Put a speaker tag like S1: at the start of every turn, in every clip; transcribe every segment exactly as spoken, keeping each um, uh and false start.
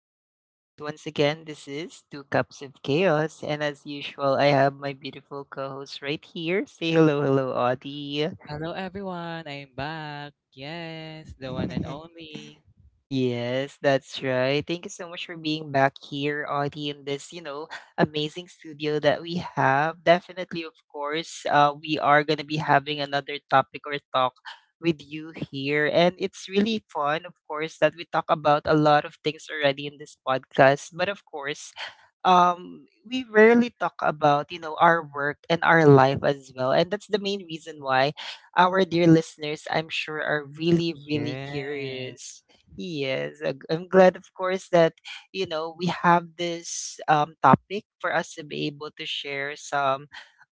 S1: podcast. Once again, this is Two Cups of Chaos, and as usual, I have my beautiful co host right here. Say hello, hello, Audie.
S2: Hello everyone, I'm back. Yes, the one and only.
S1: Yes, that's right. Thank you so much for being back here, Audie, in this, you know, amazing studio that we have. Definitely, of course, uh, we are going to be having another topic or talk with you here. And it's really fun, of course, that we talk about a lot of things already in this podcast. But of course, um we rarely talk about you know our work and our life as well, and that's the main reason why our dear listeners I'm sure are really really
S2: Yes.
S1: curious. Yes, I- i'm glad, of course, that you know we have this um, topic for us to be able to share some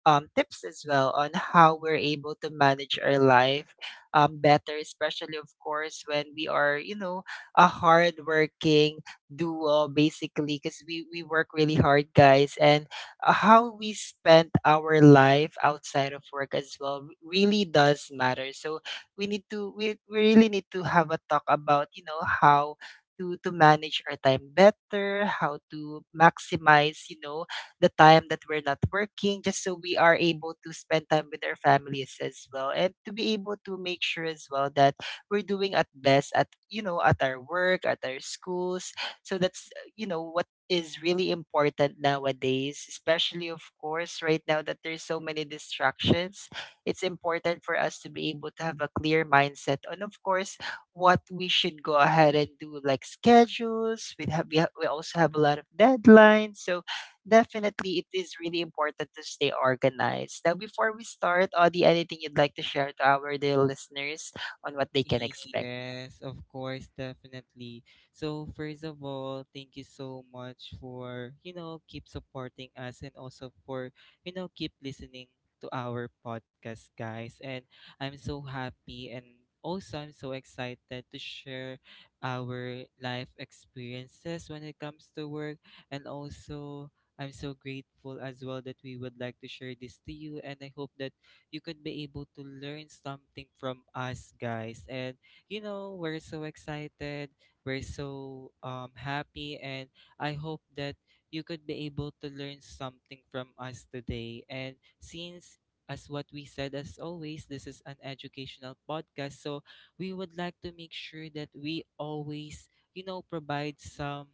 S1: um, tips as well on how we're able to manage our life um, better, especially of course when we are you know a hardworking do uh, basically because we, we work really hard, guys. And uh, how we spend our life outside of work as well r- really does matter. So we need to we, we really need to have a talk about you know how to to manage our time better, how to maximize you know the time that we're not working, just so we are able to spend time with our families as well, and to be able to make sure as well that we're doing at best at you know at our work, at our schools. So that's, uh, you know, what is really important nowadays, especially, of course, right now that there's so many distractions. It's important for us to be able to have a clear mindset on, of course, what we should go ahead and do, like schedules. We have, we, ha- we also have a lot of deadlines. So definitely it is really important to stay organized. Now, before we start, Audie, anything you'd like to share to our dear listeners on what they can expect?
S2: Yes, of course, definitely. So, first of all, thank you so much for, you know, keep supporting us and also for, you know, keep listening to our podcast, guys. And I'm so happy and also I'm so excited to share our life experiences when it comes to work. And also, I'm so grateful as well that we would like to share this to you. And I hope that you could be able to learn something from us guys. And you know, we're so excited, we're so um, happy, and I hope that you could be able to learn something from us today. And since as what we said, as always, this is an educational podcast, so we would like to make sure that we always, you know, provide some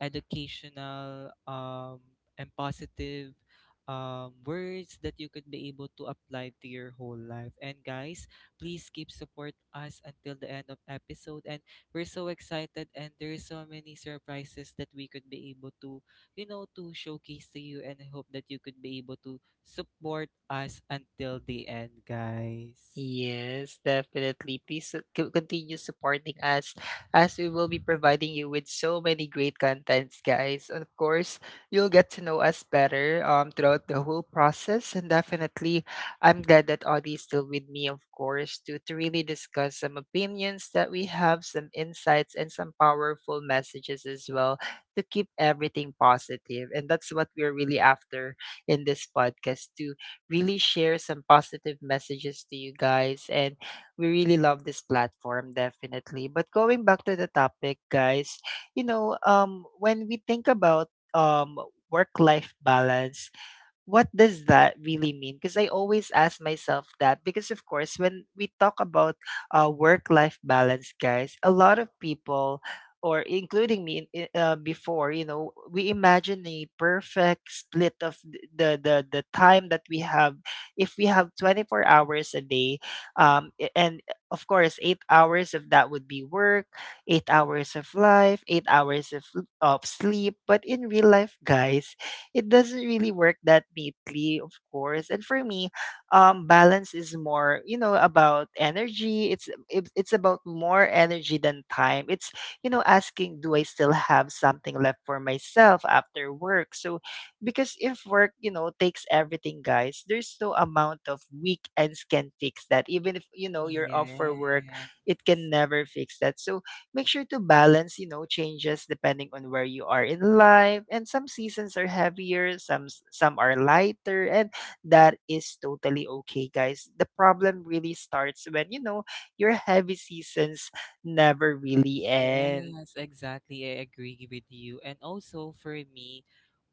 S2: educational um and positive um, words that you could be able to apply to your whole life. And guys, please keep support us until the end of episode. And we're so excited, and there's so many surprises that we could be able to, you know, to showcase to you. And I hope that you could be able to support us until the end, guys.
S1: Yes, definitely. Please su- co- continue supporting us, as we will be providing you with so many great contents, guys. And of course, you'll get to know us better um throughout the whole process. And definitely, I'm glad that Audie is still with me, of course, to to really discuss some opinions that we have, some insights, and some powerful messages as well to keep everything positive. And that's what we're really after in this podcast, too, really share some positive messages to you guys. And we really love this platform, definitely. But going back to the topic, guys, you know, um, when we think about um, work life balance, what does that really mean? Because I always ask myself that. Because, of course, when we talk about uh, work life balance, guys, a lot of people, or including me in- i- uh, before, you know, we imagine a perfect split of th- the, the, the time that we have. If we have twenty-four hours a day, um, a- and uh, of course, eight hours of that would be work, eight hours of life, eight hours of, of sleep. But in real life, guys, it doesn't really work that neatly, of course. And for me, um, balance is more, you know, about energy. It's it, it's about more energy than time. It's you know asking, do I still have something left for myself after work? So because if work, you know, takes everything, guys, there's no amount of weekends can fix that. Even if you know you're off for work,
S2: Yeah.
S1: it can never fix that. So make sure to balance, you know, changes depending on where you are in life. And some seasons are heavier, some s- some are lighter, and that is totally okay, guys. The problem really starts when, you know, your heavy seasons never really end.
S2: Yes, exactly. I agree with you. And also for me,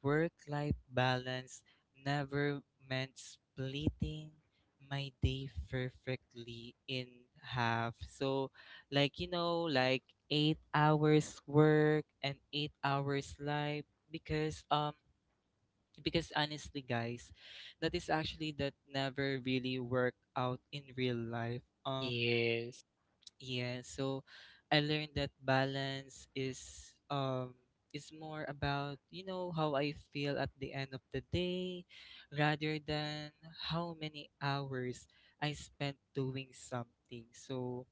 S2: work-life balance never meant splitting my day perfectly in half. So, like, you know, like eight hours work and eight hours life, because um because honestly guys, that is actually that never really worked out in real life. Um
S1: Yes.
S2: yeah, so I learned that balance is um is more about, you know, how I feel at the end of the day rather than how many hours I spent doing something. So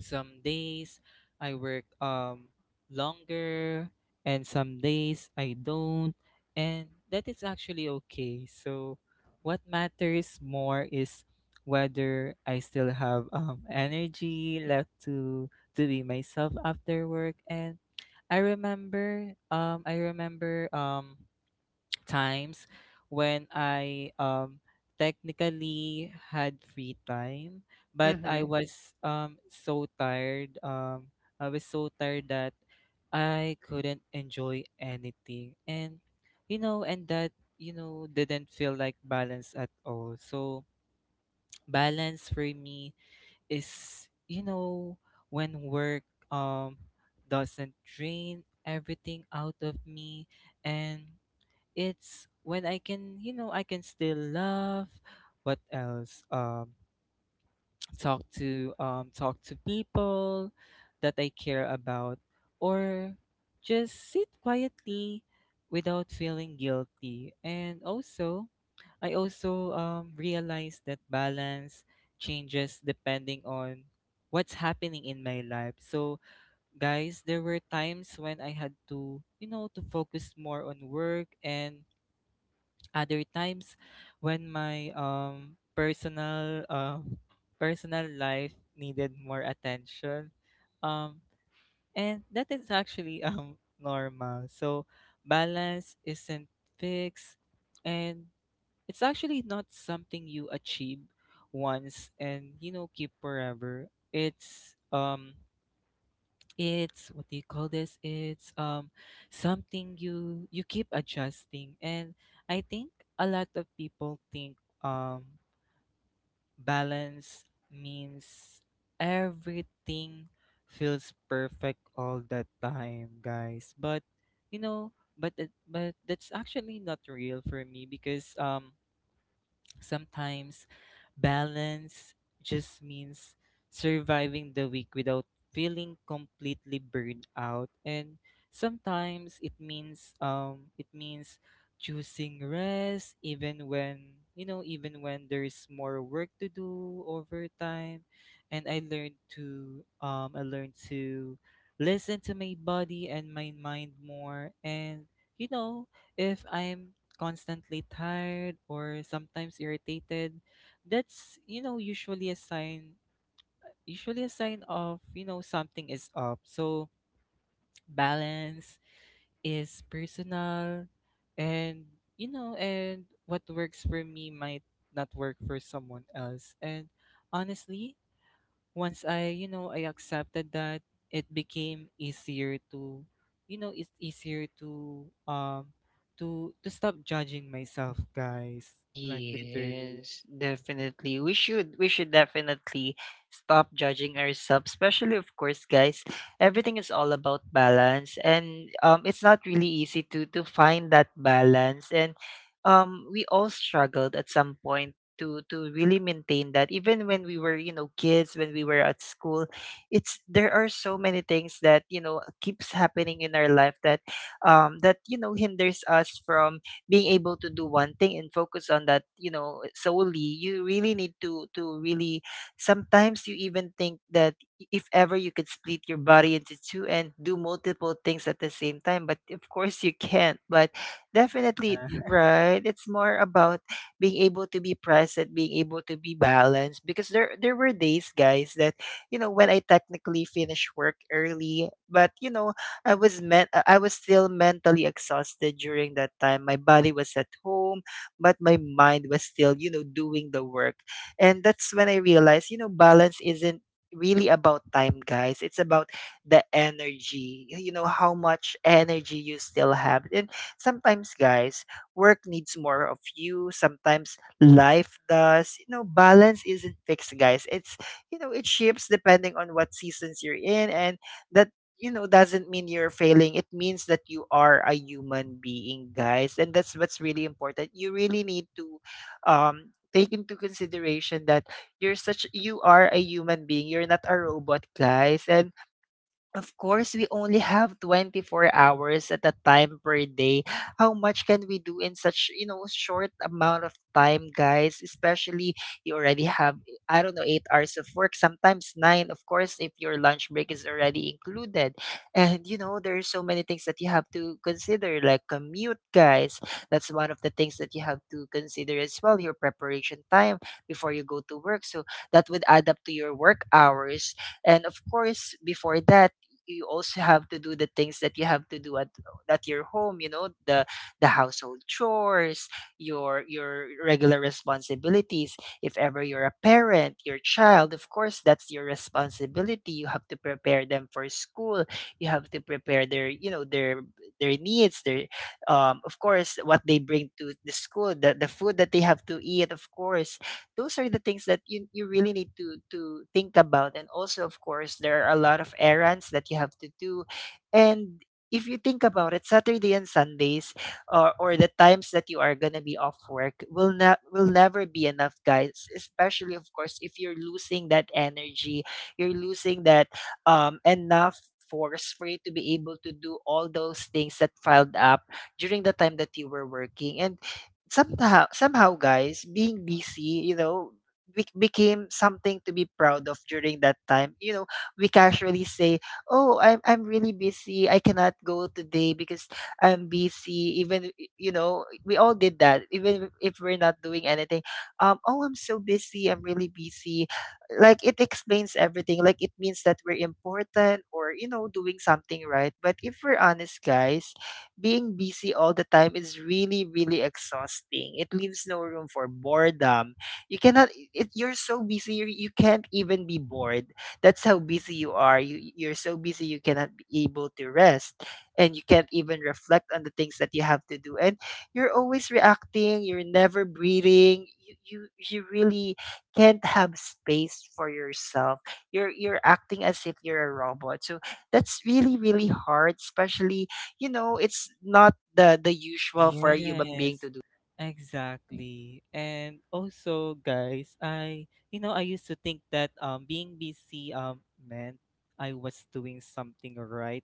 S2: some days I work um longer and some days I don't, and that is actually okay. So what matters more is whether I still have um energy left to to be myself after work. And I remember um I remember um times when I um technically had free time, but I
S1: Mhm.
S2: was um so tired. Um, I was so tired that I couldn't enjoy anything, and you know, and that you know didn't feel like balance at all. So balance for me is, you know, when work um doesn't drain everything out of me, and it's when I can, you know, I can still love. What else? Um, talk to um, talk to people that I care about, or just sit quietly without feeling guilty. And also, I also um, realize that balance changes depending on what's happening in my life. So, guys, there were times when I had to, you know, to focus more on work, and other times when my um personal um personal life needed more attention, um and that is actually um normal. So balance isn't fixed, and it's actually not something you achieve once and, you know, keep forever. It's um it's what do you call this, it's um something you you keep adjusting. And I think a lot of people think um balance means everything feels perfect all the time, guys, but you know, but it, but that's actually not real for me, because um sometimes balance just means surviving the week without feeling completely burned out. And sometimes it means um it means choosing rest even when you know even when there's more work to do over time. And I learned to um I learned to listen to my body and my mind more. And you know, if I'm constantly tired or sometimes irritated, that's you know usually a sign, usually a sign of you know something is up. So balance is personal, and you know, and what works for me might not work for someone else. And honestly, once I, you know, I accepted that, it became easier to, you know, it's easier to um to to stop judging myself, guys. Like literally.
S1: Yes, definitely. We should we should definitely stop judging ourselves, especially of course, guys. Everything is all about balance, and um it's not really easy to to find that balance. And um we all struggled at some point to to really maintain that, even when we were, you know, kids, when we were at school. It's there are so many things that, you know, keeps happening in our life that um that you know hinders us from being able to do one thing and focus on that, you know, solely. You really need to to really, sometimes you even think that if ever you could split your body into two and do multiple things at the same time, but of course you can't. But definitely,
S2: Yeah.
S1: y- right? It's more about being able to be present, being able to be balanced. Because there there were days, guys, that you know when I technically finished work early, but you know I was meant I was still mentally exhausted during that time. My body was at home, but my mind was still, you know, doing the work. And that's when I realized, you know, balance isn't really about time, guys. It's about the energy. y- You know, how much energy you still have. And sometimes, guys, work needs more of you. Sometimes life does. You know, balance isn't fixed, guys. It's you know, it shifts depending on what seasons you're in. And that you know doesn't mean you're failing. It means that you are a human being, guys, and that's what's really important. You really need to um take into consideration that you're such you are a human being, you're not a robot, guys. And of course, we only have twenty-four hours at a time per day. How much can we do in such, you know, short amount of time, guys? Especially you already have, I don't know, eight hours of work, sometimes nine, of course, if your lunch break is already included. And, you know, there are so many things that you have to consider, like commute, guys. That's one of the things that you have to consider as well, your preparation time before you go to work. So that would add up to your work hours. And of course, before that, you also have to do the things that you have to do at at your home, you know, the the household chores, your your regular responsibilities. If ever you're a parent, your child, of course, that's your responsibility. You have to prepare them for school, you have to prepare their you know their their needs, their um of course what they bring to the school, the, the food that they have to eat, of course. Those are the things that you, you really need to to think about. And also of course there are a lot of errands that you have to do. And if you think about it, Saturday and Sundays, or, or the times that you are going to be off work will not will never be enough, guys, especially of course if you're losing that energy, you're losing that um enough force for you to be able to do all those things that piled up during the time that you were working. And somehow somehow guys, being busy, you know, be- became something to be proud of during that time. You know, we casually say, oh, i'm i'm really busy, I cannot go today because I'm busy. Even i- you know we all did that even if we're not doing anything. Um oh, I'm so busy, I'm really busy. Like it explains everything, like it means that we're important or you know doing something right. But if we're honest, guys, being busy all the time is really, really exhausting. It leaves no room for boredom. You cannot, it, you're so busy, you, you can't even be bored. That's how busy you are. You, you're so busy, you cannot be able to rest, and you can't even reflect on the things that you have to do. And you're always reacting, you're never breathing. You, you, you really can't have space for yourself. You're, you're acting as if you're a robot. So that's really, really hard, especially you know, it's not the the usual for a human being
S2: Yes,
S1: to do.
S2: exactly. And also, guys, I you know I used to think that um being busy um meant I was doing something right,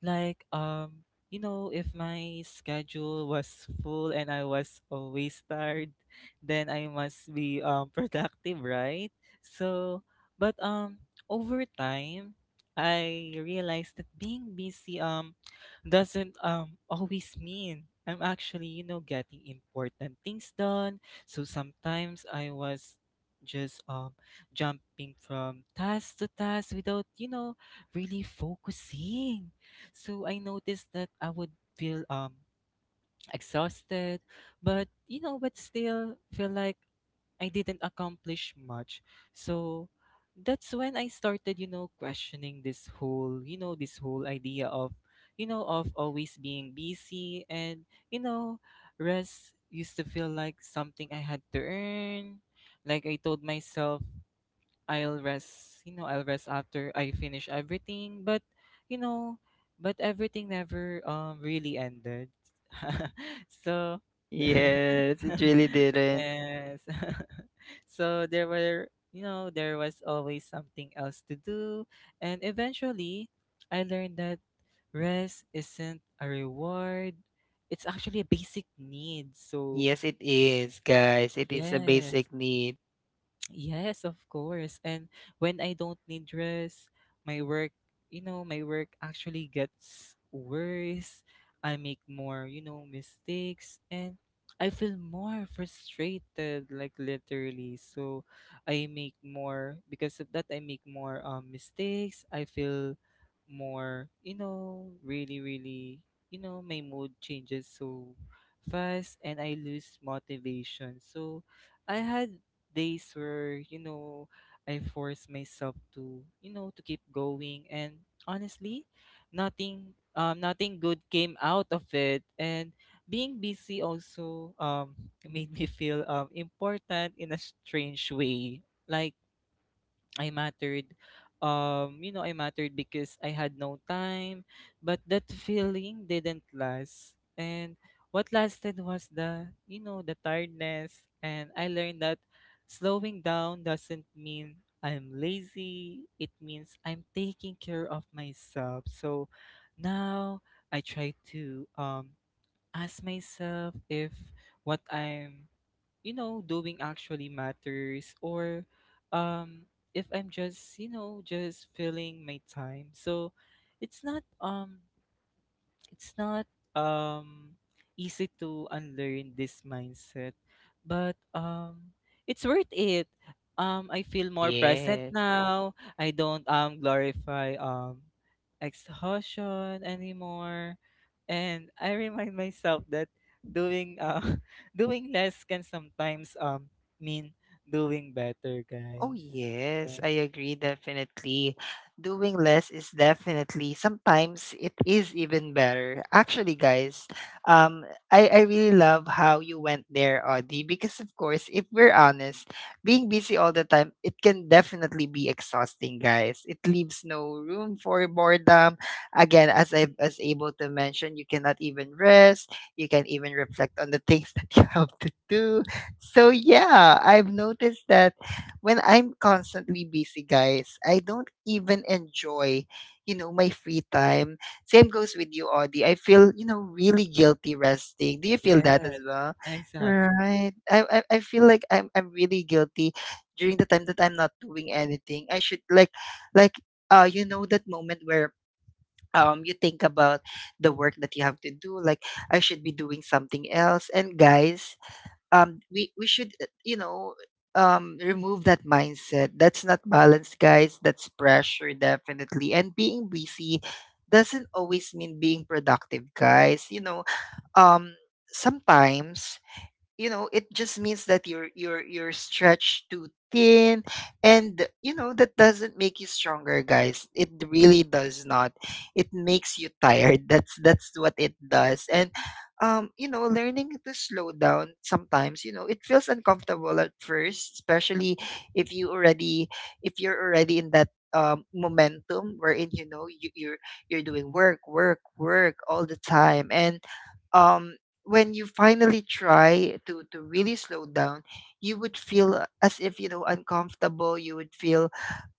S2: like um you know if my schedule was full and I was always tired, then I must be um productive, right? So, but um over time, I realized that being busy um doesn't um always mean I'm actually, you know, getting important things done. So sometimes I was just um jumping from task to task without, you know, really focusing. So I noticed that I would feel um exhausted, but you know, but still feel like I didn't accomplish much. So that's when I started, you know, questioning this whole, you know, this whole idea of, you know, of always being busy. And, you know, rest used to feel like something I had to earn. Like I told myself I'll rest, you know, I'll rest after I finish everything. But, you know, but everything never um really ended. so
S1: Yes, it really didn't.
S2: yes. So there were, you know, there was always something else to do. And eventually, I learned that rest isn't a reward. It's actually a basic need. So,
S1: Yes, it is, guys. It is a
S2: yes.
S1: basic need.
S2: Yes, of course. And when I don't need rest, my work, you know, my work actually gets worse. I make more, you know, mistakes and I feel more frustrated, like literally. So I make more, because of that I make more um mistakes. I feel more, you know, really, really, you know, my mood changes so fast and I lose motivation. So I had days where you know I forced myself to you know to keep going, and honestly, nothing um nothing good came out of it. And being busy also um made me feel um important in a strange way, like I mattered. Um, you know, I mattered because I had no time, but that feeling didn't last. And what lasted was the, you know, the tiredness. And I learned that slowing down doesn't mean I'm lazy. It means I'm taking care of myself. So now I try to um ask myself if what I'm you know doing actually matters, or um if I'm just you know just filling my time. So it's not um it's not um easy to unlearn this mindset, but um it's worth it. um I feel more present
S1: Yes.
S2: now. I don't um glorify um exhaustion anymore, and I remind myself that doing uh doing less can sometimes um mean doing better,
S1: Oh,
S2: guys.
S1: yes,
S2: Yeah,
S1: I agree definitely. Doing less is definitely sometimes it is even better. Actually, guys, um, I, I really love how you went there, Audie, because of course, if we're honest, being busy all the time, it can definitely be exhausting, guys. It leaves no room for boredom. Again, as I was able to mention, you cannot even rest, you can even reflect on the things that you have to do. So yeah, I've noticed that when I'm constantly busy, guys, I don't even enjoy, you know, my free time. Same goes with you, Audie. I feel, you know, really guilty resting. Do you feel
S2: yeah,
S1: that as well?
S2: exactly.
S1: Right. I I, I feel like I'm I'm really guilty during the time that I'm not doing anything. I should like like uh you know that moment where um you think about the work that you have to do like I should be doing something else. And guys, um we we should uh, you know um remove that mindset. That's not balance, guys, that's pressure, definitely. And being busy doesn't always mean being productive, guys, you know. Um sometimes, you know, it just means that you're you're you're stretched too thin. And you know, that doesn't make you stronger, guys, it really does not. It makes you tired, that's that's what it does. And um you know, learning to slow down sometimes, you know, it feels uncomfortable at first, especially if you already if you're already in that um, momentum wherein, you know, you, you're you're doing work work work all the time. And um when you finally try to to really slow down, you would feel uh, as if, you know, uncomfortable. You would feel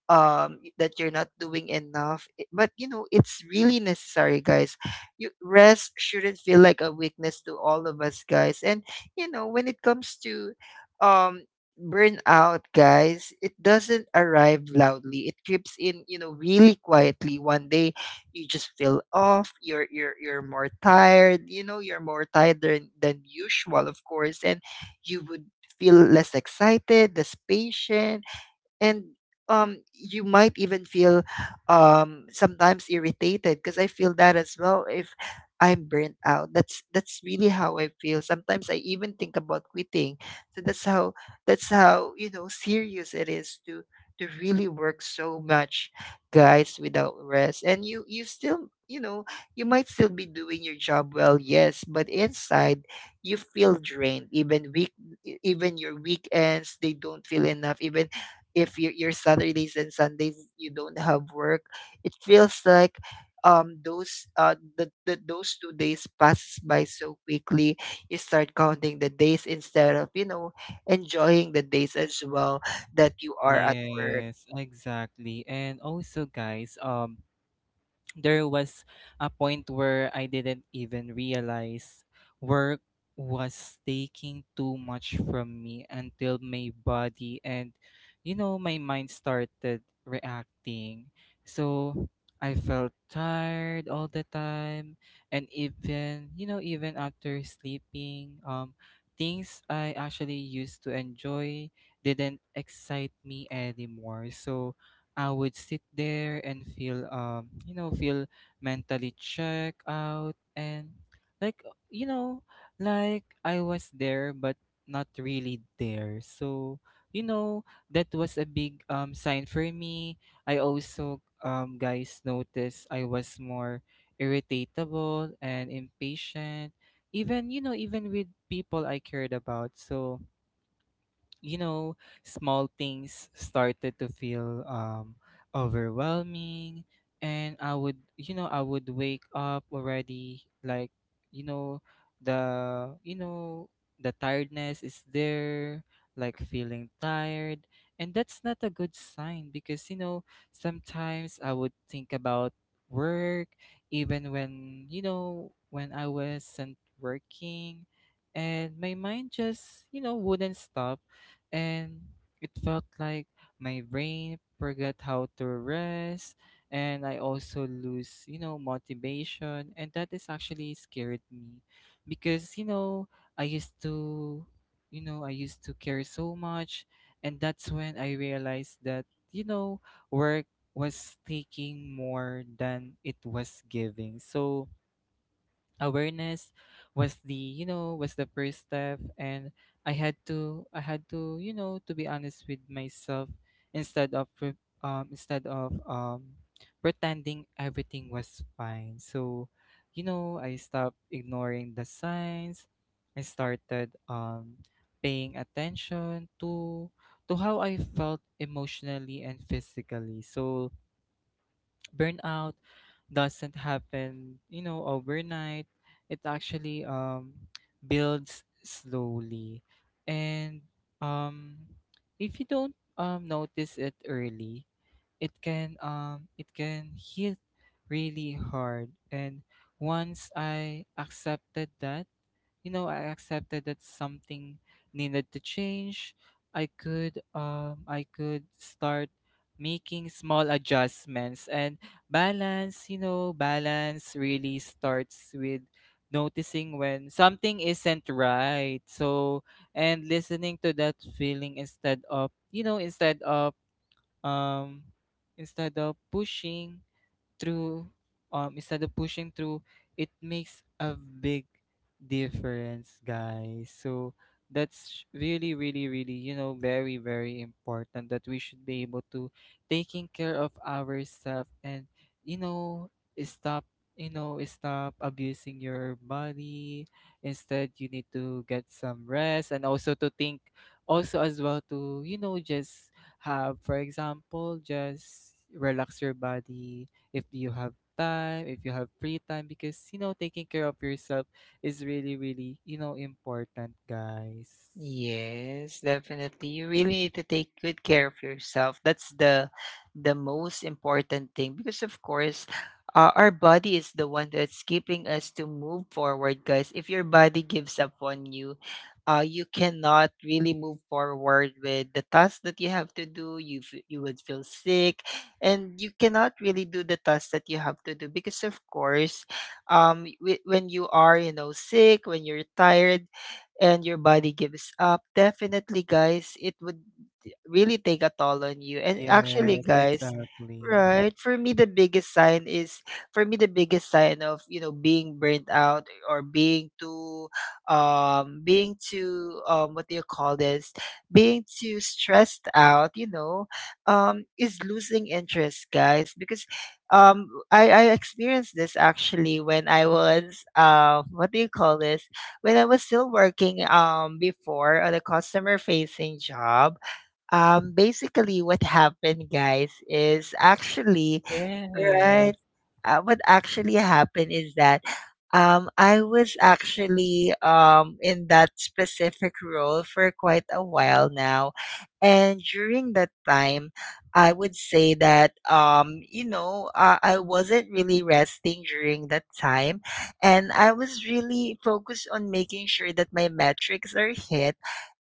S1: um that you're not doing enough. I- but you know, it's really necessary, guys. You rest shouldn't feel like a weakness to all of us, guys. And you know, when it comes to um burnout, guys, it doesn't arrive loudly, it creeps in, you know, really quietly. One day you just feel off, you're you're you're more tired, you know, you're more tired than, than usual, of course. And you would feel less excited, less patient. And um you might even feel um sometimes irritated, because I feel that as well. If I'm burnt out, that's that's really how I feel. Sometimes I even think about quitting. So that's how, that's how, you know, serious it is to to really work so much, guys, without rest. And you you still, you know, you might still be doing your job well, yes, but inside you feel drained. Even week e- even your weekends, they don't feel enough. Even if your your Saturdays and Sundays you don't have work, it feels like um those uh the, the those two days passes by so quickly. You start counting the days instead of, you know, enjoying the days as well that you are at work.
S2: Yes, exactly. And also guys, um there was a point where I didn't even realize work was taking too much from me until my body and you know my mind started reacting. So I felt tired all the time, and even you know even after sleeping, um things I actually used to enjoy didn't excite me anymore. So I would sit there and feel um you know feel mentally check out, and like you know like I was there but not really there. So you know that was a big um sign for me. I also um guys noticed I was more irritable and impatient, even you know even with people I cared about. So you know, small things started to feel um overwhelming, and I would you know, I would wake up already like, you know, the you know, the tiredness is there, like feeling tired. And that's not a good sign, because you know, sometimes I would think about work even when you know when I wasn't working, and my mind just you know wouldn't stop. And it felt like my brain forgot how to rest. And I also lose, you know, motivation, and that is actually scared me because you know, I used to you know, I used to care so much. And that's when I realized that you know, work was taking more than it was giving. So awareness was the you know was the first step, and i had to i had to you know to be honest with myself instead of pre- um instead of um pretending everything was fine. So you know I stopped ignoring the signs. I started um paying attention to to how I felt emotionally and physically. So burnout doesn't happen, you know, overnight. It actually um, builds slowly, and um, if you don't um, notice it early, it can um it can hit really hard. And once I accepted that, you know i accepted that something needed to change, I could um i could start making small adjustments. And balance, you know balance really starts with noticing when something isn't right, so and listening to that feeling instead of you know instead of um, instead of pushing through. um instead of pushing through it makes a big difference, guys. So that's really, really, really, you know very, very important that we should be able to taking care of ourselves and, you know, stop, you know stop abusing your body. Instead, you need to get some rest and also to think, also as well, to, you know, just have, for example, just relax your body if you have time, if you have free time. Because, you know, taking care of yourself is really, really, you know, important, guys.
S1: Yes, definitely. You really need to take good care of yourself. That's the the most important thing, because of course, uh, our body is the one that's keeping us to move forward, guys. If your body gives up on you, uh, you cannot really move forward with the tasks that you have to do. You f- you would feel sick, and you cannot really do the tasks that you have to do, because of course, um, w- when you are, you know, sick, when you're tired and your body gives up, definitely, guys, it would really take a toll on you. And actually,
S2: Yes,
S1: guys,
S2: exactly.
S1: right? For me, the biggest sign is, for me the biggest sign of, you know, being burnt out or being too, um, being too um, what do you call this? Being too stressed out, you know, um, is losing interest, guys. Because um, I I experienced this actually when I was, uh, what do you call this? When I was still working um before on a customer facing job, um basically what happened, guys, is actually
S2: Yes,
S1: right, uh, what actually happened is that um i was actually um in that specific role for quite a while now. And during that time, I would say that um you know, uh, I wasn't really resting during that time. And I was really focused on making sure that my metrics are hit.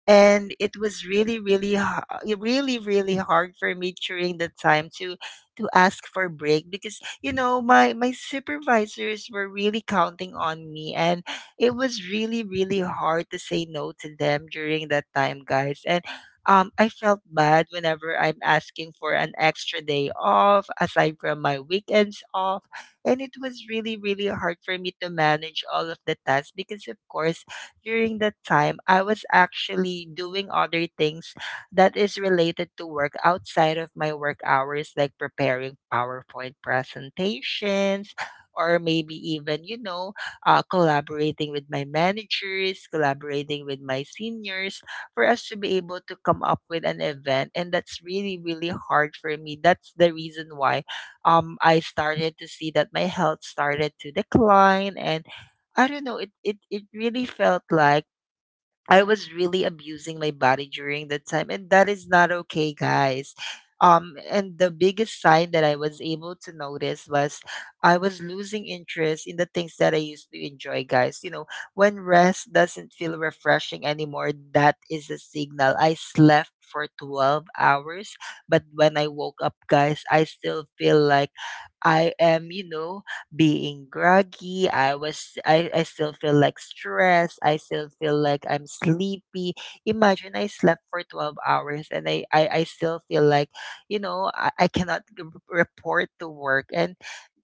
S1: And it was really really ha- really really hard for me during the time to to ask for break, because you know, my my supervisors were really counting on me. And it was really really hard to say no to them during that time, guys. And um, I felt bad whenever I'm asking for an extra day off aside from my weekends off. And it was really, really hard for me to manage all of the tasks, because of course, during that time, I was actually doing other things that is related to work outside of my work hours, like preparing PowerPoint presentations, or maybe even, you know, uh, collaborating with my managers, collaborating with my seniors for us to be able to come up with an event. And that's really, really hard for me. That's the reason why um, I started to see that my health started to decline. And I don't know. It it it really felt like I was really abusing my body during that time, and that is not okay, guys. Um, and the biggest sign that I was able to notice was I was losing interest in the things that I used to enjoy, guys. You know, when rest doesn't feel refreshing anymore, that is a signal. I slept for twelve hours, but when I woke up, guys, I still feel like I am, you know, being groggy. I was I, I still feel like stressed. I still feel like I'm sleepy. Imagine I slept for twelve hours and I, I, I still feel like, you know, I, I cannot g- report to work. And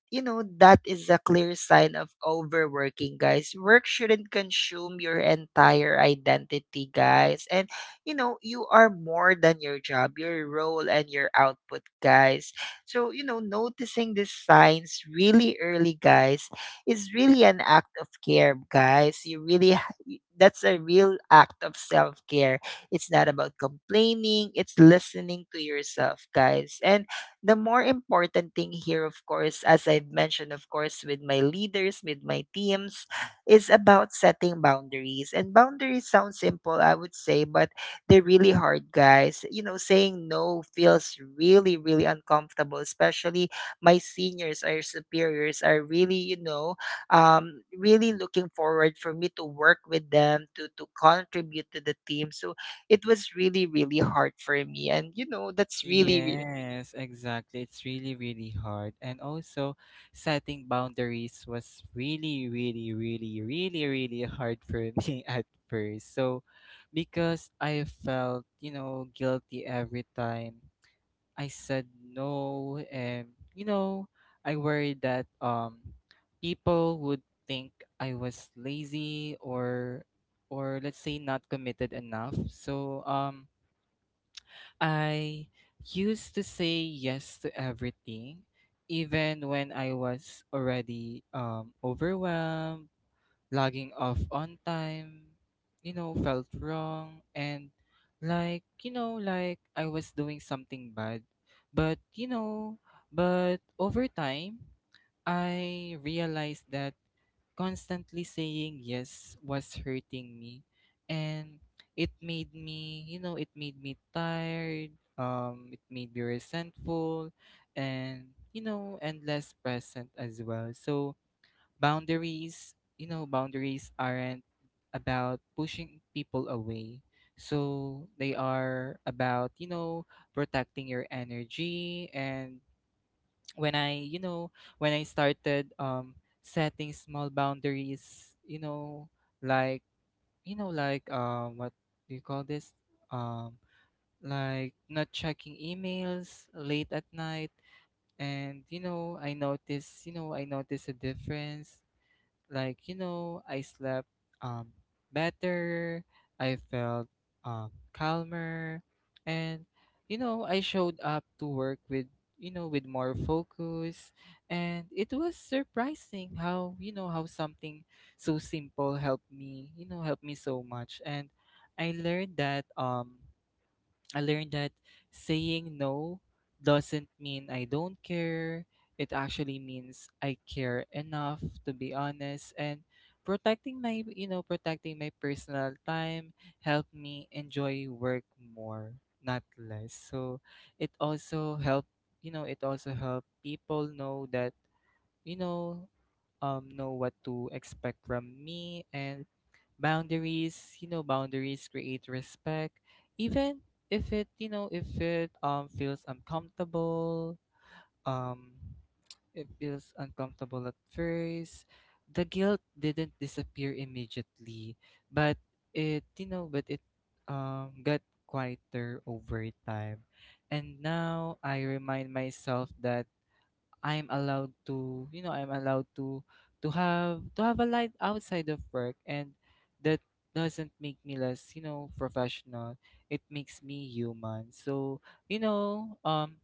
S1: you know, that is a clear sign of overworking, guys. Work shouldn't consume your entire identity, guys. And you know, you are more than your job, your role, and your output, guys. So you know, noticing these signs really early, guys, is really an act of care, guys. You really, ha- y- that's a real act of self care. It's not about complaining, it's listening to yourself, guys. And the more important thing here, of course, as I've mentioned, of course, with my leaders, with my teams, is about setting boundaries. And boundaries sound simple, I would say, but they're really hard, guys. You know, saying no feels really, really uncomfortable, especially my seniors, our superiors are really, you know, um, really looking forward for me to work with them, to, to contribute to the team. So it was really, really hard for me. And you know, that's really, really.
S2: yes, exactly. It's really, really hard. And also, setting boundaries was really, really, really, really, really hard for me at first. So, because I felt, you know, guilty every time I said no. And, you know, I worried that um people would think I was lazy, or or let's say, not committed enough. So um I used to say yes to everything, even when I was already um overwhelmed. Logging off on time, you know, felt wrong and, like, you know, like I was doing something bad. But, you know, but over time, I realized that constantly saying yes was hurting me. And it made me, you know it made me tired, um it made me resentful, and, you know, and less present as well. So boundaries, you know boundaries aren't about pushing people away. So they are about, you know, protecting your energy. And when I, you know when i started um setting small boundaries, you know, like, you know, like, um what do you call this? um like not checking emails late at night. And, you know, I noticed, you know i noticed a difference. Like, you know, I slept um better, I felt um calmer, and, you know, I showed up to work with, you know with more focus. And it was surprising how, you know how something so simple helped me, you know helped me so much. And I learned that, um I learned that saying no doesn't mean I don't care. It actually means I care enough to be honest. And protecting my, you know protecting my personal time helped me enjoy work more, not less. So it also helped, you know it also helped people know that, you know um know what to expect from me. And boundaries, you know boundaries create respect, even if it, you know if it um feels uncomfortable. Um it feels uncomfortable at first. The guilt didn't disappear immediately, but it, you know but it um got quieter over time. And now I remind myself that I'm allowed to, you know, I'm allowed to, to have to have a life outside of work, and that doesn't make me less, you know, professional. It makes me human. So, you know, um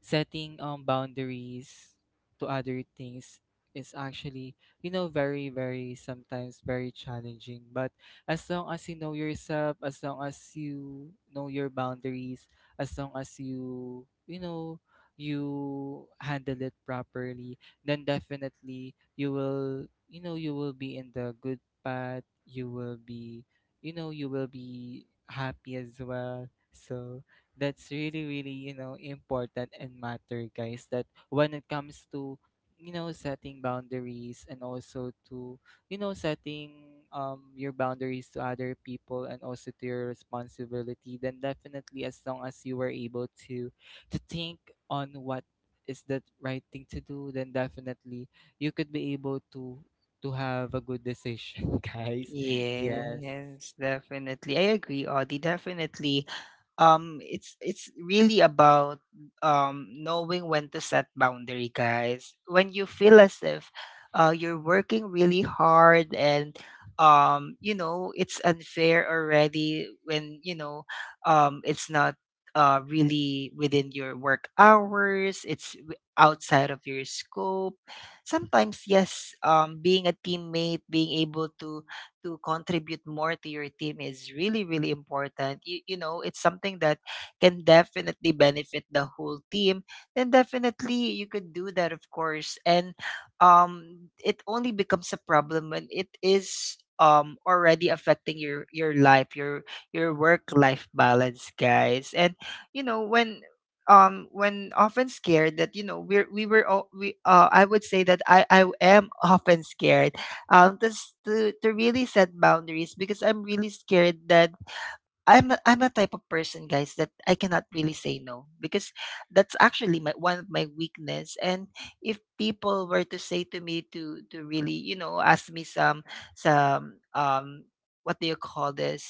S2: setting um boundaries to other things is actually, you know, very, very, sometimes very challenging. But as long as you know yourself, as long as you know your boundaries, as long as you, you know, you handle it properly, then definitely you will, you know you will be in the good path. You will be, you know, you will be happy as well. So that's really, really, you know, important and matter, guys, that when it comes to, you know, setting boundaries and also to, you know, setting um your boundaries to other people and also to your responsibility. Then definitely, as long as you were able to to think on what is the right thing to do, then definitely you could be able to to have a good decision, guys. Yes.
S1: Yes, definitely. I agree, Audie. Definitely. Um, it's it's really about um knowing when to set boundary, guys. When you feel as if uh you're working really hard, and um you know, it's unfair already, when you know um it's not uh really within your work hours, it's w- outside of your scope. Sometimes yes, um being a teammate, being able to to contribute more to your team is really really important. you, you know, it's something that can definitely benefit the whole team, then definitely you could do that, of course. And um it only becomes a problem when it is um already affecting your your life, your your work life balance, guys. And you know, when um when often scared that you know, we're we were all, we uh I would say that i i am often scared um, tas to, to really set boundaries, because I'm really scared that I'm a, I'm a type of person, guys, that I cannot really say no, because that's actually my one of my weakness. And if people were to say to me to to really, you know, ask me some some um what do you call this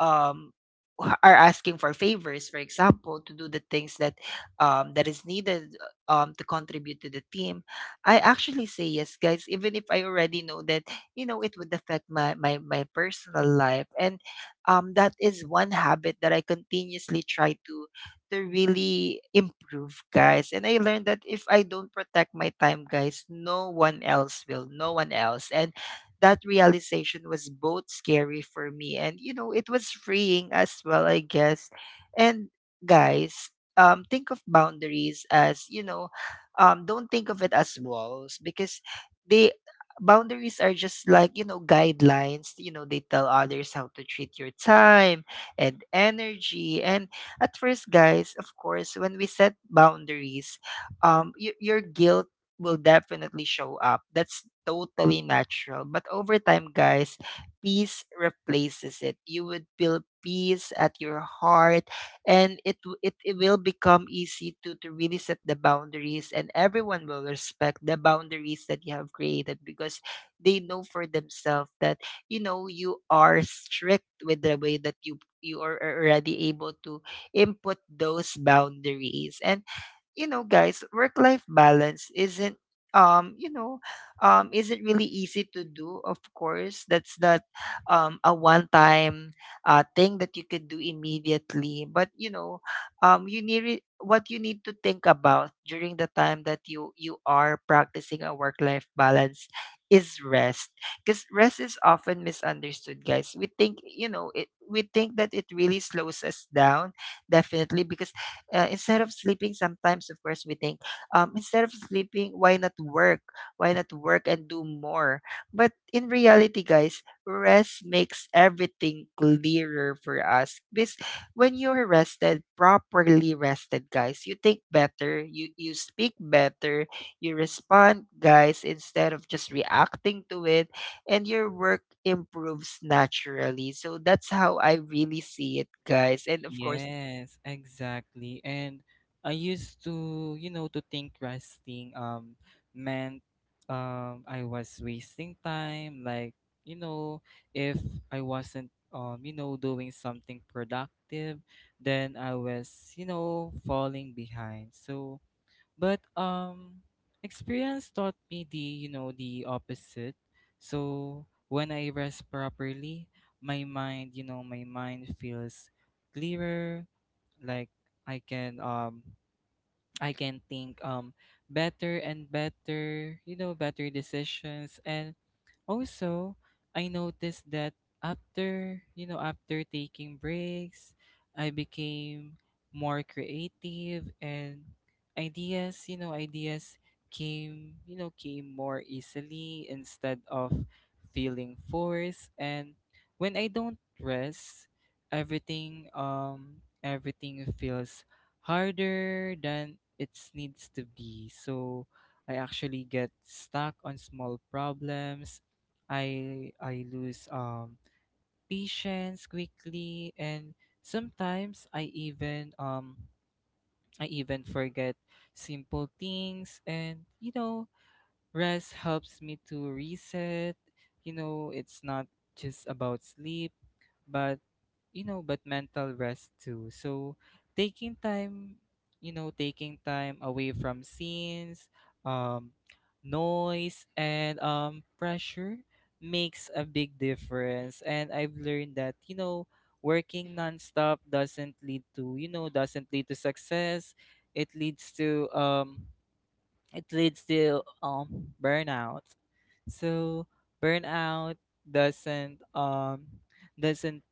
S1: um wh- are asking for favors, for example, to do the things that um that is needed um to contribute to the team, I actually say yes, guys, even if I already know that you know it would affect my my my personal life. And um, that is one habit that I continuously try to to really improve, guys. And I learned that if I don't protect my time, guys, no one else will. No one else. And that realization was both scary for me, and you know, it was freeing as well, I guess. And guys, um, think of boundaries as you know, um, don't think of it as walls because they boundaries are just like you know guidelines. You know they tell others how to treat your time and energy. And at first, guys, of course, when we set boundaries, um y- your guilt will definitely show up. That's totally natural, but over time, guys, peace replaces it. You would feel peace at your heart, and it w- it, it will become easy to to really set the boundaries, and everyone will respect the boundaries that you have created because they know for themselves that you know you are strict with the way that you you are are already able to input those boundaries. And you know, guys, work life balance isn't um you know um isn't really easy to do. Of course, that's not um a one time uh thing that you could do immediately. But you know um you need re- what you need to think about during the time that you you are practicing a work life balance is rest, because rest is often misunderstood, guys. We think you know it we think that it really slows us down, definitely, because uh, instead of sleeping sometimes, of course, we think, um, instead of sleeping, why not work? Why not work and do more? But in reality, guys, rest makes everything clearer for us, because when you're rested properly rested, guys, you think better, you you speak better, you respond, guys, instead of just reacting to it, and your work improves naturally. So that's how I really see it, guys. And of course.
S2: Yes, exactly. And I used to, you know, to think resting um meant um I was wasting time, like, you know, if I wasn't um, you know, doing something productive, then I was, you know, falling behind. So but um experience taught me the, you know, the opposite. So when I rest properly, my mind, you know, my mind feels clearer. Like I can, um I can think um better, and better, you know, better decisions. And also, I noticed that after, you know, after taking breaks, I became more creative. And ideas, you know, ideas came, you know, came more easily instead of feeling forced. And when I don't rest, everything, um everything feels harder than it needs to be. So I actually get stuck on small problems. I, I lose um patience quickly. And sometimes I even, um I even forget simple things. And, you know, rest helps me to reset. You know, it's not just about sleep, but, you know, but mental rest too. So taking time, you know, taking time away from scenes, um, noise, and um, pressure makes a big difference. And I've learned that, you know, working nonstop doesn't lead to, you know, doesn't lead to success. It leads to, um, it leads to um, burnout. So burnout doesn't, um doesn't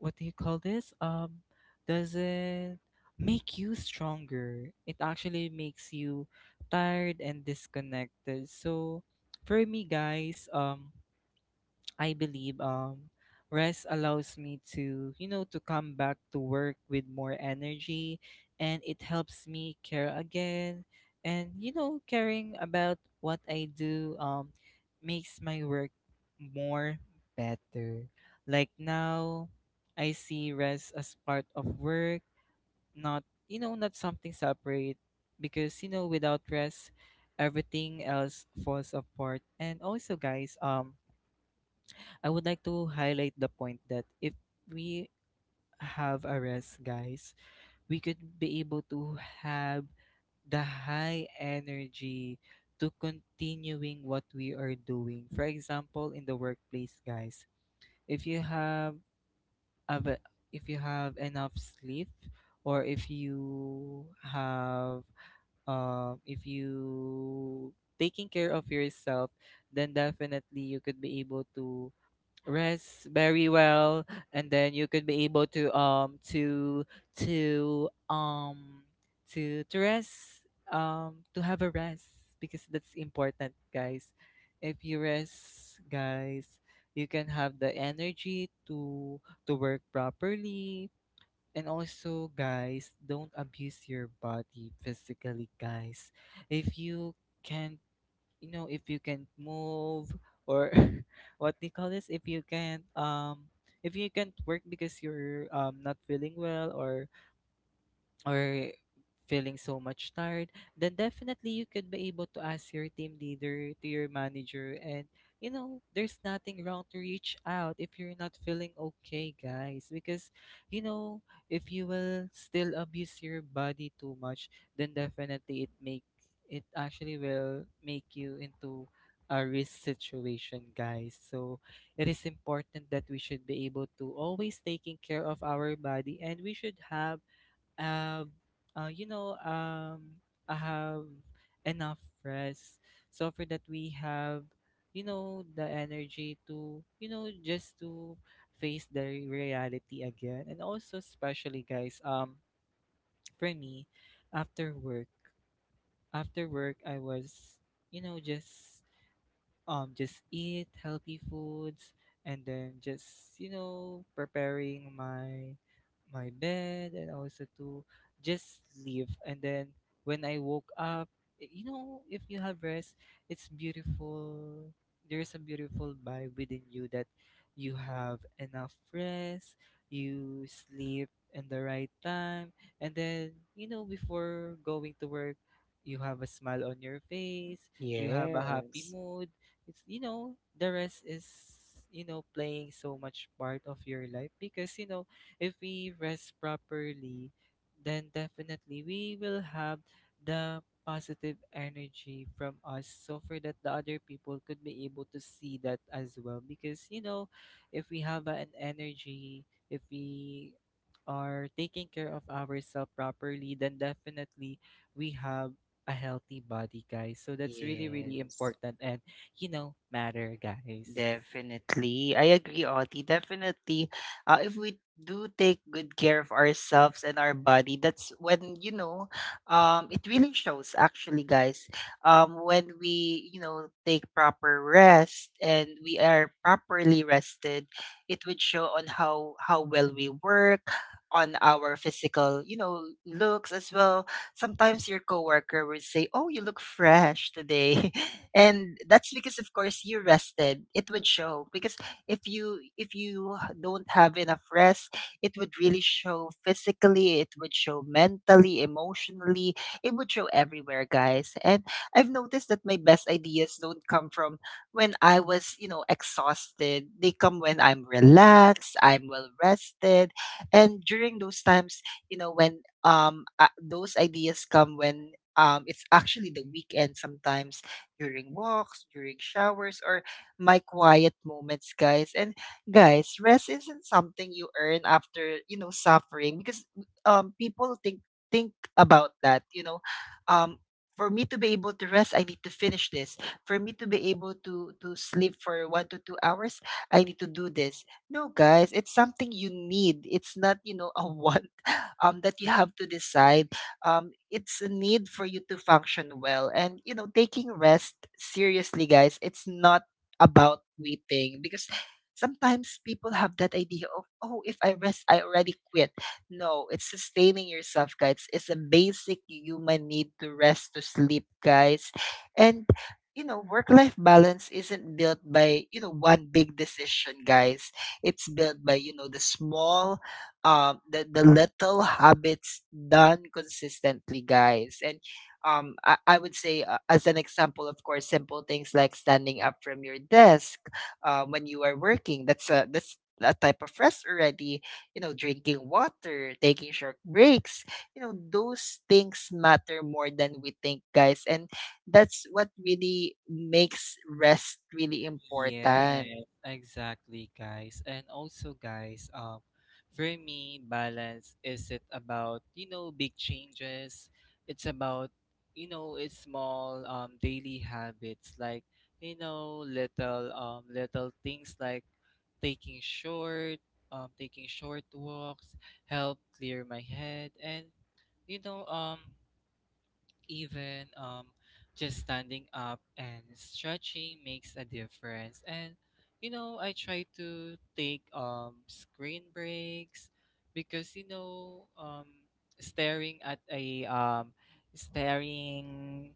S2: what do you call this? Um, does it make you stronger? It actually makes you tired and disconnected. So for me, guys, um, I believe um rest allows me to, you know, to come back to work with more energy. And it helps me care again. And, you know, caring about what I do um makes my work more better. Like now I see rest as part of work, not, you know, not something separate, because, you know, without rest, everything else falls apart. And also, guys, um I would like to highlight the point that if we have a rest, guys, we could be able to have the high energy to continuing what we are doing. For example, in the workplace, guys, if you have, av- if you have enough sleep, or if you have, um if you taking care of yourself, then definitely you could be able to rest very well. And then you could be able to um to to um to to rest, um to have a rest, because that's important, guys. If you rest, guys, you can have the energy to to work properly. And also, guys, don't abuse your body physically, guys. If you can, you know, if you can move, or what they call this, if you can, um if you can't work because you're um not feeling well, or or feeling so much tired, then definitely you could be able to ask your team leader, to your manager. And, you know, there's nothing wrong to reach out if you're not feeling okay, guys. Because, you know, if you will still abuse your body too much, then definitely it make, it actually will make you into a risk situation, guys. So it is important that we should be able to always taking care of our body, and we should have, um, uh, you know, um, I have enough rest. So for that, we have, you know, the energy to, you know, just to face the reality again. And also, especially, guys, um, for me, after work, after work, I was, you know, just um just eat healthy foods. And then, just, you know, preparing my, my bed and also to just leave. And then, when I woke up, y- you know, if you have rest, it's beautiful. There's a beautiful vibe within you, that you have enough rest, you sleep in the right time. And then, you know, before going to work, you have a smile on your face, you have a happy
S1: Yes.
S2: mood. It's, you know, the rest is, you know, playing so much part of your life. Because, you know, if we rest properly, then definitely we will have the positive energy from us. So for that, the other people could be able to see that as well. Because, you know, if we have an energy, if we are taking care of ourselves properly, then definitely we have a healthy body, guys. So that's really, really
S1: Yes,
S2: important, you know, matter, guys.
S1: definitely. I agree, Oti. Definitely. Uh, if we do take good care of ourselves and our body, that's when, you know, um, it really shows actually, guys. Um, when we, you know, take proper rest and we are properly rested, it would show on how how well we work, on our physical, you know, looks as well. Sometimes your coworker will say, "Oh, you look fresh today," and that's because, of course, you rested. It would show because if you if you don't have enough rest, it would really show physically. It would show mentally, emotionally. It would show everywhere, guys. And I've noticed that my best ideas don't come from when I was, you know, exhausted. They come when I'm relaxed, I'm well rested, and during those times, you know, when um, uh, those ideas come when um, it's actually the weekend sometimes, during walks, during showers, or my quiet moments, guys. And guys, rest isn't something you earn after you know suffering, because um, people think think about that. You know, um, for me to be able to rest, I need to finish this. For me to be able to to sleep for one to two hours, I need to do this. No, guys, it's something you need. It's not you know a one um, that you have to decide. Um, it's a need for you to function well. And, you know, taking rest seriously, guys, it's not about waiting because sometimes people have that idea of, oh, if I rest, I already quit. No, it's sustaining yourself, guys. It's a basic human need to rest, to sleep, guys. And, you know, work life balance isn't built by, you know, one big decision, guys. It's built by, you know, the small um the, the little habits done consistently, guys. And um i, I would say, uh, as an example, of course, simple things like standing up from your desk, uh, when you are working, that's a that's a type of rest already. You know drinking water, taking short breaks, you know those things matter more than we think, guys. And that's what really makes rest really important.
S2: Yes, exactly, guys. And also, guys, um, for me, balance isn't about, you know, big changes. It's about, you know, it's small um daily habits, like, you know, little um little things like taking short, um taking short walks, help clear my head. And, you know um even um, just standing up and stretching makes a difference. And, you know, I try to take um, screen breaks, because, you know, um, staring at a um, staring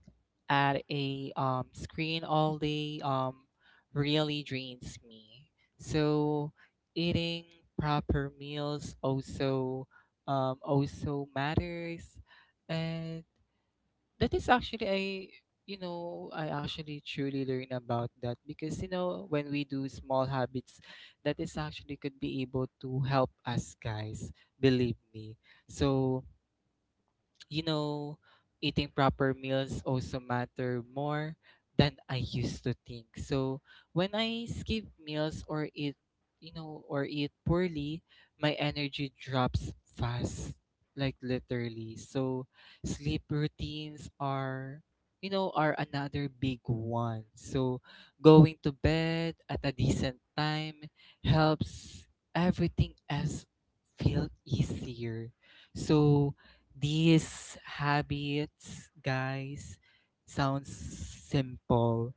S2: at a um, screen all day um, really drains me. So eating proper meals also um, also matters. And that is actually, I, you know, I actually truly learn about that, because, you know, when we do small habits, that is actually could be able to help us, guys, believe me. So, you know, eating proper meals also matter more than I used to think. So when I skip meals, or eat, you know, or eat poorly, my energy drops fast, like literally. So sleep routines are, you know, are another big one. So going to bed at a decent time helps everything else feel easier. So these habits, guys, sounds simple,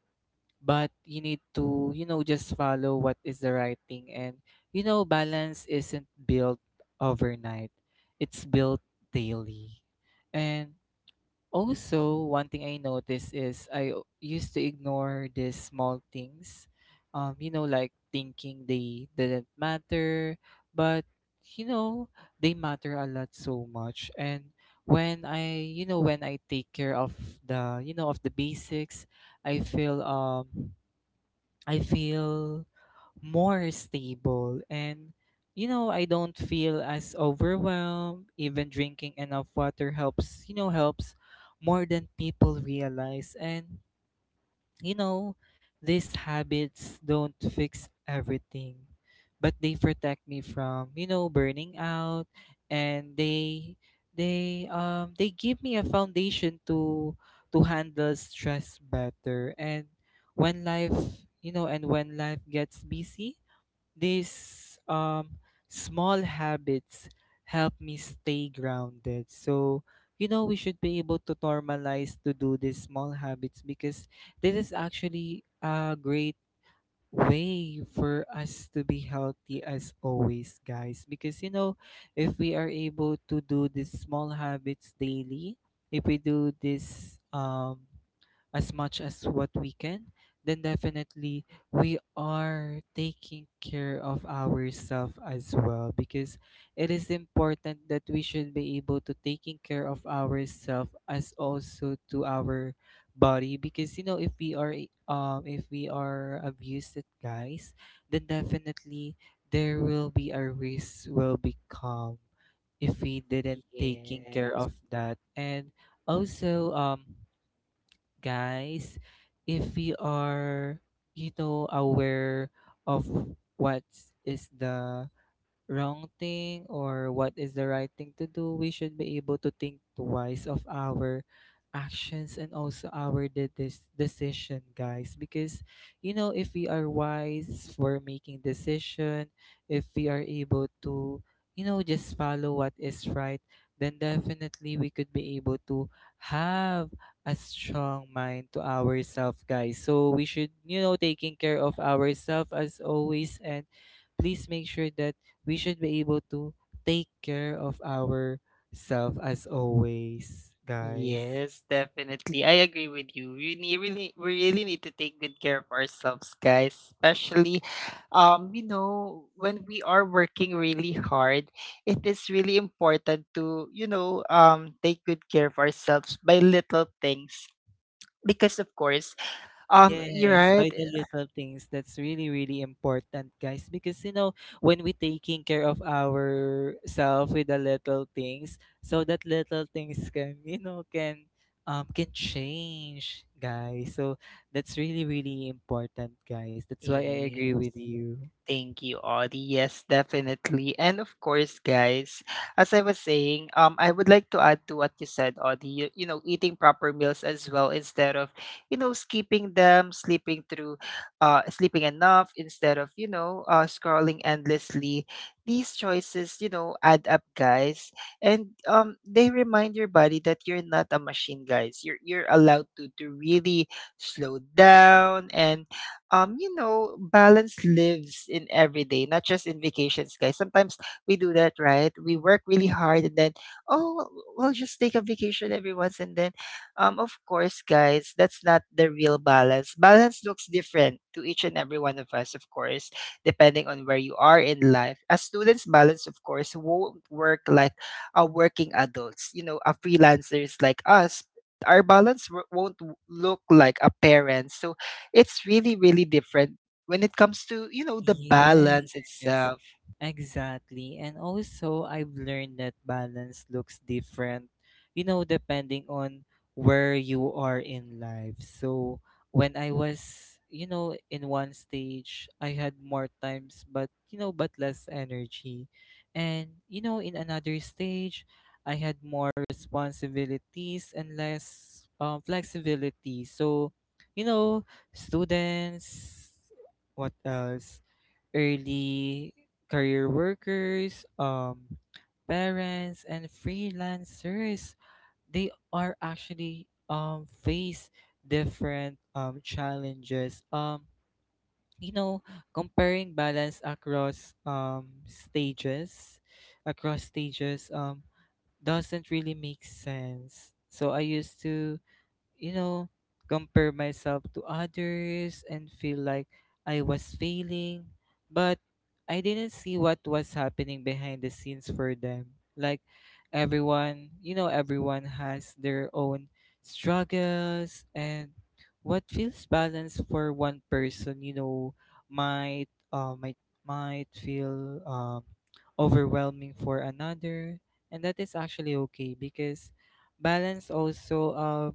S2: but you need to, you know, just follow what is the right thing. And, you know, balance isn't built overnight, it's built daily. And also, one thing I noticed is I o- used to ignore these small things, um, you know, like thinking they didn't matter, but, you know, they matter a lot so much. And when I, you know, when I take care of the, you know, of the basics, I feel um I feel more stable, and you know, I don't feel as overwhelmed. Even drinking enough water helps, you know, helps more than people realize. And you know, these habits don't fix everything, but they protect me from, you know, burning out, and they they um they give me a foundation to to handle stress better. And when life you know, and when life gets busy, these um small habits help me stay grounded. So you know, we should be able to normalize to do these small habits, because this is actually a great way for us to be healthy as always, guys. Because you know, if we are able to do these small habits daily, if we do this um as much as what we can, then definitely we are taking care of ourselves as well. Because it is important that we should be able to taking care of ourselves as also to our body, because you know, if we are i- um if we are abused, guys, then definitely there will be a risk will become if we didn't taking care
S1: Yes.
S2: of that. And also um guys, if we are, you know, aware of what is the wrong thing or what is the right thing to do, we should be able to think twice of our actions and also our de- this decision, guys. Because you know, if we are wise for making decision, if we are able to, you know, just follow what is right, then definitely we could be able to have a strong mind to ourselves, guys. So we should, you know, taking care of ourselves as always, and please make sure that we should be able to take care of ourselves as always, guys.
S1: Yes, definitely. I agree with you. We need, really, we really need to take good care of ourselves, guys. Especially, um, you know, when we are working really hard, it is really important to, you know, um, take good care of ourselves by little things. Because of course, um, you're
S2: Yes,
S1: right.
S2: by the little things. That's really, really important, guys. Because you know, when we taking care of ourselves with the little things, so that little things can, you know, can um can change, guys. So that's really, really important, guys. That's why I agree
S1: Yes.
S2: with you.
S1: Thank you, Audie. Yes, definitely. And of course, guys, as I was saying, um, I would like to add to what you said, Audie. You, you know, eating proper meals as well instead of, you know, skipping them, sleeping through, uh, sleeping enough instead of, you know, uh, scrolling endlessly. These choices, you know, add up, guys, and um, they remind your body that you're not a machine, guys. You're you're allowed to to really slow down, and um, you know, balance lives in every day, not just in vacations, guys. Sometimes we do that, right? We work really hard and then, oh, we'll just take a vacation every once and then, um, of course, guys, that's not the real balance. Balance looks different to each and every one of us, of course, depending on where you are in life. As students, balance, of course, won't work like a working adults, you know, a freelancers like us. Our balance wo- won't w- look like a parent. So it's really, really different when it comes to, you know, the balance
S2: Yes,
S1: itself.
S2: exactly. And also, I've learned that balance looks different, you know, depending on where you are in life. So when I was, you know, in one stage, I had more times, but, you know, but less energy. And, you know, in another stage, I had more responsibilities and less um, flexibility. So, you know, students, what else? Early career workers, um, parents, and freelancers. They are actually um, face different um, challenges. Um, you know, comparing balance across um, stages, across stages um, doesn't really make sense. So I used to, you know, compare myself to others and feel like I was failing, but I didn't see what was happening behind the scenes for them. Like everyone, you know, everyone has their own struggles, and what feels balanced for one person, you know, might uh, might might feel um, overwhelming for another, and that is actually okay. Because balance also um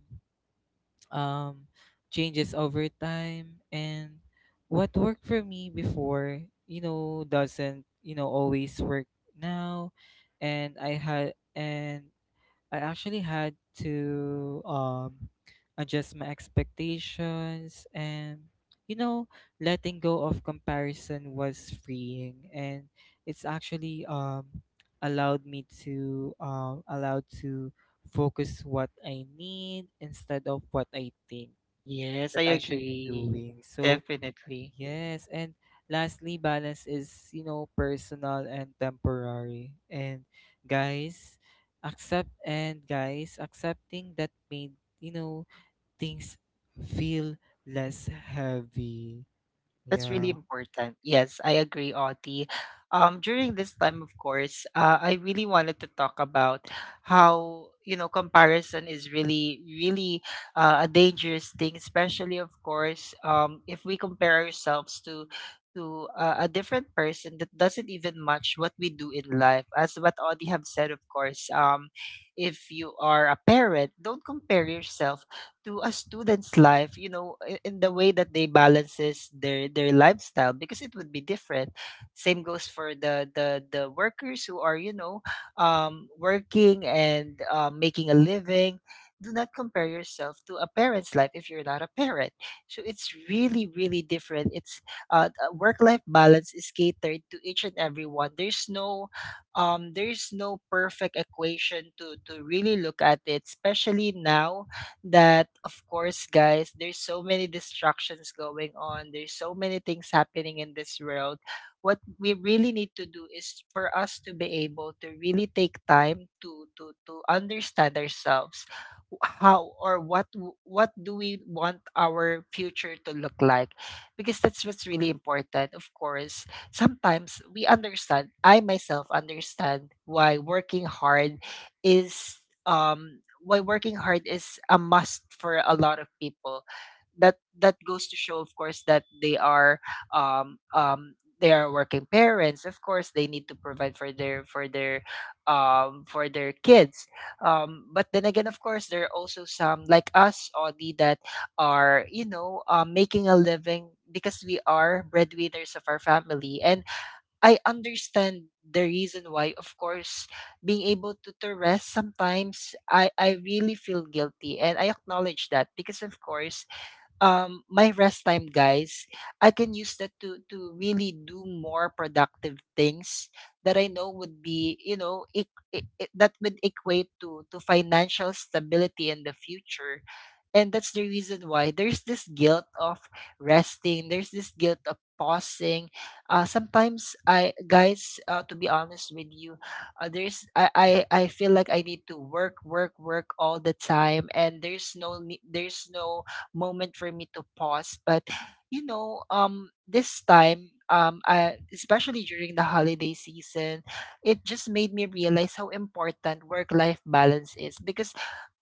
S2: um, changes over time, and what worked for me before, you know, doesn't, you know, always work now. And i had and I actually had to um, adjust my expectations, and you know, letting go of comparison was freeing, and it's actually um, allowed me to um, allowed to focus what I need instead of what I think
S1: Yes, I
S2: that I should be
S1: agree.
S2: doing. So
S1: Definitely.
S2: yes, and lastly, balance is, you know, personal and temporary. And guys, accept and guys, accepting that made, you know, things feel less heavy.
S1: That's really
S2: Yeah.
S1: important. Yes, I agree, Audie. Um, during this time, of course, uh, I really wanted to talk about how, you know, comparison is really, really uh, a dangerous thing, especially, of course, um, if we compare ourselves to to uh, a different person that doesn't even match what we do in life. As what Audie have said, of course, um, if you are a parent, don't compare yourself to a student's life. You know i- in the way that they balances their their lifestyle, because it would be different. Same goes for the the the workers who are, you know um working, and uh, making a living. Do not compare yourself to a parent's life if you're not a parent. So it's really really different. It's uh, Work life balance is catered to each and every one. There's no um there's no perfect equation to to really look at it, especially now that, of course, guys, there's so many distractions going on, there's so many things happening in this world. What we really need to do is for us to be able to really take time to to to understand ourselves, how or what w- what do we want our future to look like, because that's what's really important. Of course, sometimes we understand I myself understand why working hard is um why working hard is a must for a lot of people. That that goes to show, of course, that they are um um they are working parents, of course. They need to provide for their for their um for their kids. Um but then again, of course, there are also some like us, Audi, that are, you know um, making a living because we are breadwinners of our family. And I understand the reason why, of course, being able to, to rest sometimes. I, I really feel guilty, and I acknowledge that because, of course, um my rest time, guys, I can use that to to really do more productive things that I know would be, you know, it, it, that would equate to to financial stability in the future. And that's the reason why there's this guilt of resting, there's this guilt of pausing. Uh, sometimes I, guys, uh, to be honest with you, uh, there's I, I I feel like I need to work, work, work all the time, and there's no ne- there's no moment for me to pause. But you know, um this time, um I, especially during the holiday season, it just made me realize how important work life balance is, because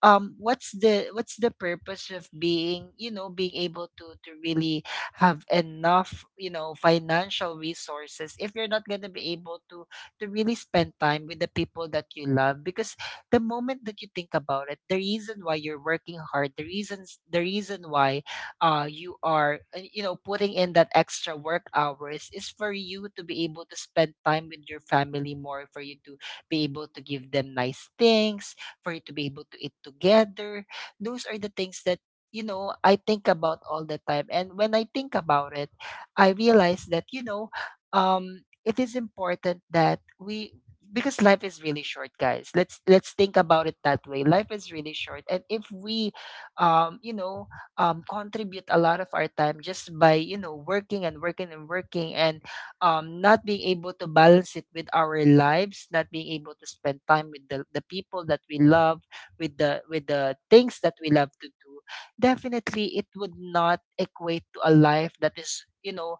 S1: um what's the what's the purpose of being, you know being able to to really have enough, you know financial resources, if you're not going to be able to to really spend time with the people that you love? Because the moment that you think about it, the reason why you're working hard, the reasons the reason why uh you are, uh, you know putting in that extra work hours, is for you to be able to spend time with your family more, for you to be able to give them nice things, for you to be able to eat together. Those are the things that, you know I think about all the time. And when I think about it, I realize that, you know um, it is important that, we because life is really short, guys. Let's let's think about it that way. Life is really short, and if we, um you know um contribute a lot of our time just by, you know working and working and working, and um, not being able to balance it with our lives, not being able to spend time with the, the people that we love, with the with the things that we love to do, definitely it would not equate to a life that is, you know,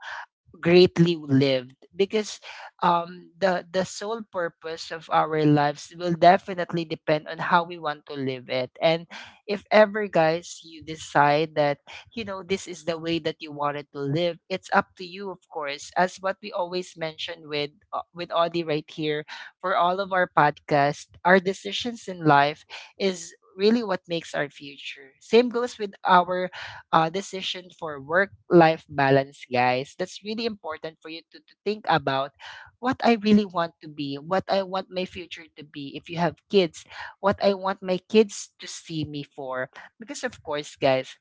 S1: greatly lived, because um, the the sole purpose of our lives will definitely depend on how we want to live it. And if ever, guys, you decide that, you know this is the way that you wanted to live, it's up to you, of course. As what we always mention with, uh, with Audie right here, for all of our podcast, our decisions in life is really what makes our future. Same goes with our uh, decision for work life balance, guys. That's really important for you to, to think about what I really want to be, what I want my future to be. If you have kids, what I want my kids to see me for. Because, of course, guys,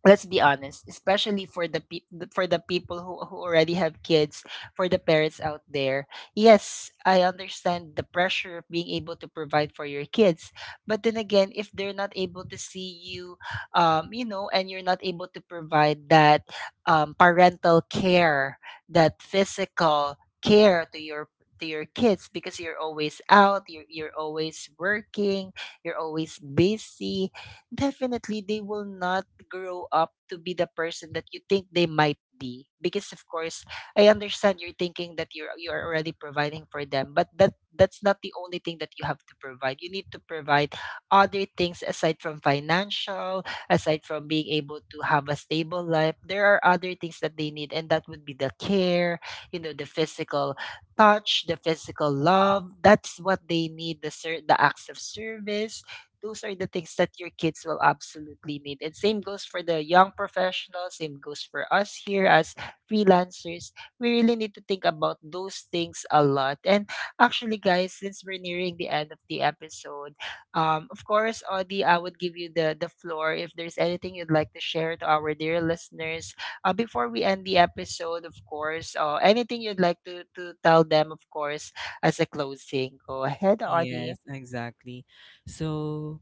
S1: let's be honest, especially for the pe- for the people who, who already have kids, for the parents out there. Yes, I understand the pressure of being able to provide for your kids. But then again, if they're not able to see you, um, you know and you're not able to provide that, um, parental care, that physical care to your to your kids, because you're always out, you're, you're always working, you're always busy. Definitely, they will not grow up to be the person that you think they might be. Because, of course, I understand you're thinking that you're you are already providing for them. But that that's not the only thing that you have to provide. You need to provide other things aside from financial, aside from being able to have a stable life. There are other things that they need, and that would be the care, you know, the physical touch, the physical love. That's what they need. The ser- the acts of service, those are the things that your kids will absolutely need. And same goes for the young professionals, same goes for us here as freelancers. We really need to think about those things a lot. And actually, guys, since we're nearing the end of the episode, um, of course, Audie, I would give you the, the floor if there's anything you'd like to share to our dear listeners. Uh, before we end the episode, of course, uh, anything you'd like to, to tell them, of course, as a closing. Go ahead, Audie.
S2: Yes, exactly. So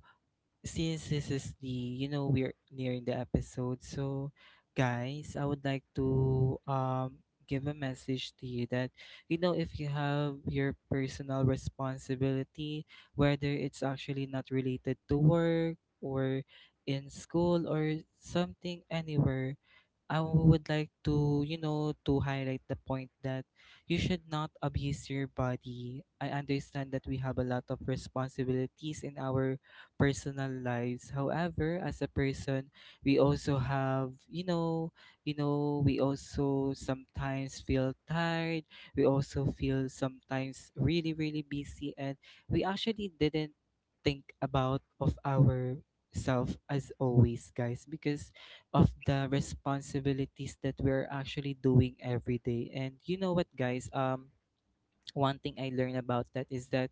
S2: since this is the, you know, we're nearing the episode, so guys, I would like to um give a message to you that, you know, if you have your personal responsibility, whether it's actually not related to work or in school or something anywhere, I would like to, you know, to highlight the point that you should not abuse your body. I understand that we have a lot of responsibilities in our personal lives. However, as a person, we also have, you know, you know, we also sometimes feel tired. We also feel sometimes really, really busy, and we actually didn't think about of our self as always, guys, because of the responsibilities that we're actually doing every day. And you know what, guys? Um, one thing I learned about that is that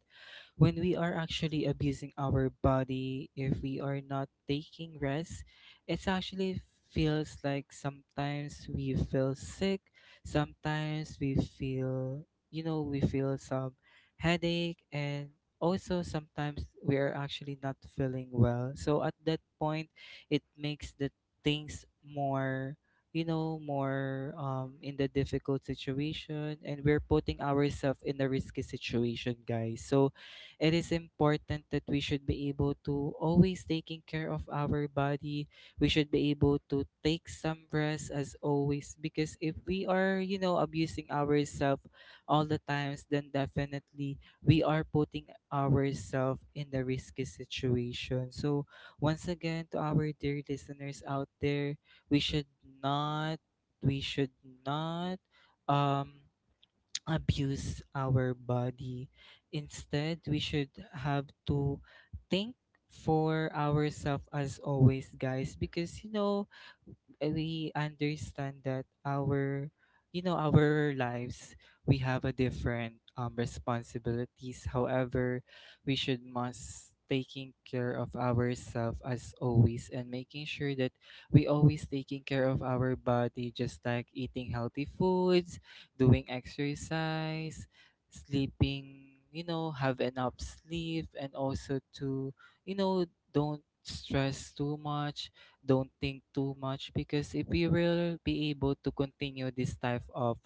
S2: when we are actually abusing our body, if we are not taking rest, it actually feels like sometimes we feel sick, sometimes we feel, you know, we feel some headache, and also sometimes we are actually not feeling well. So at that point, it makes the things more, you know, more um in the difficult situation, and we're putting ourselves in a risky situation, guys. So it is important that we should be able to always taking care of our body. We should be able to take some rest as always, because if we are, you know, abusing ourselves all the times, then definitely we are putting ourselves in the risky situation. So once again, to our dear listeners out there, we should not, we should not um abuse our body. Instead, we should have to think for ourselves as always, guys, because you know, we understand that our, you know, our lives, we have a different um responsibilities. However, we should must taking care of ourselves as always, and making sure that we always taking care of our body, just like eating healthy foods, doing exercise, sleeping, you know, have enough sleep, and also to, you know, don't stress too much, don't think too much, because if we will be able to continue this type of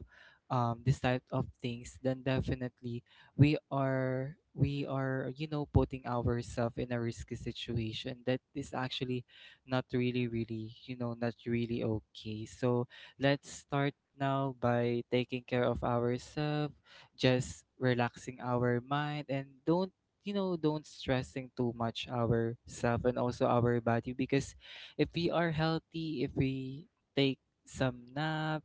S2: um, this type of things, then definitely we are we are you know, putting ourselves in a risky situation that is actually not really, really, you know, not really okay. So let's start now by taking care of ourselves, just relaxing our mind, and don't, you know, don't stressing too much ourselves and also our body. Because if we are healthy, if we take some nap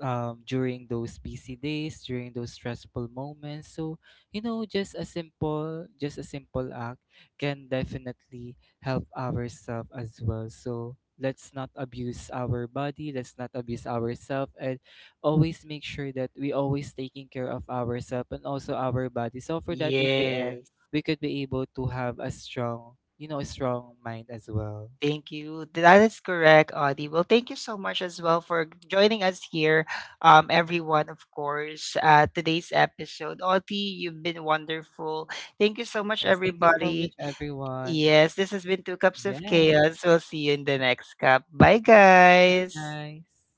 S2: um, during those busy days, during those stressful moments. So, you know, just a simple, just a simple act can definitely help ourselves as well. So let's not abuse our body, let's not abuse ourselves, and always make sure that we always taking care of ourselves and also our body. So for that, in the end,
S1: Yes.
S2: we could be able to have a strong, you know, a strong mind as well.
S1: Thank you. That is correct, Audie. Well, thank you so much as well for joining us here, um, everyone, of course, uh, today's episode. Audie, you've been wonderful. Thank you so much,
S2: Yes, thank you so much,
S1: everybody.
S2: everyone.
S1: Yes, this has been Two Cups of
S2: Yes,
S1: Chaos. We'll see you in the next cup. Bye,
S2: bye,
S1: guys.
S2: guys.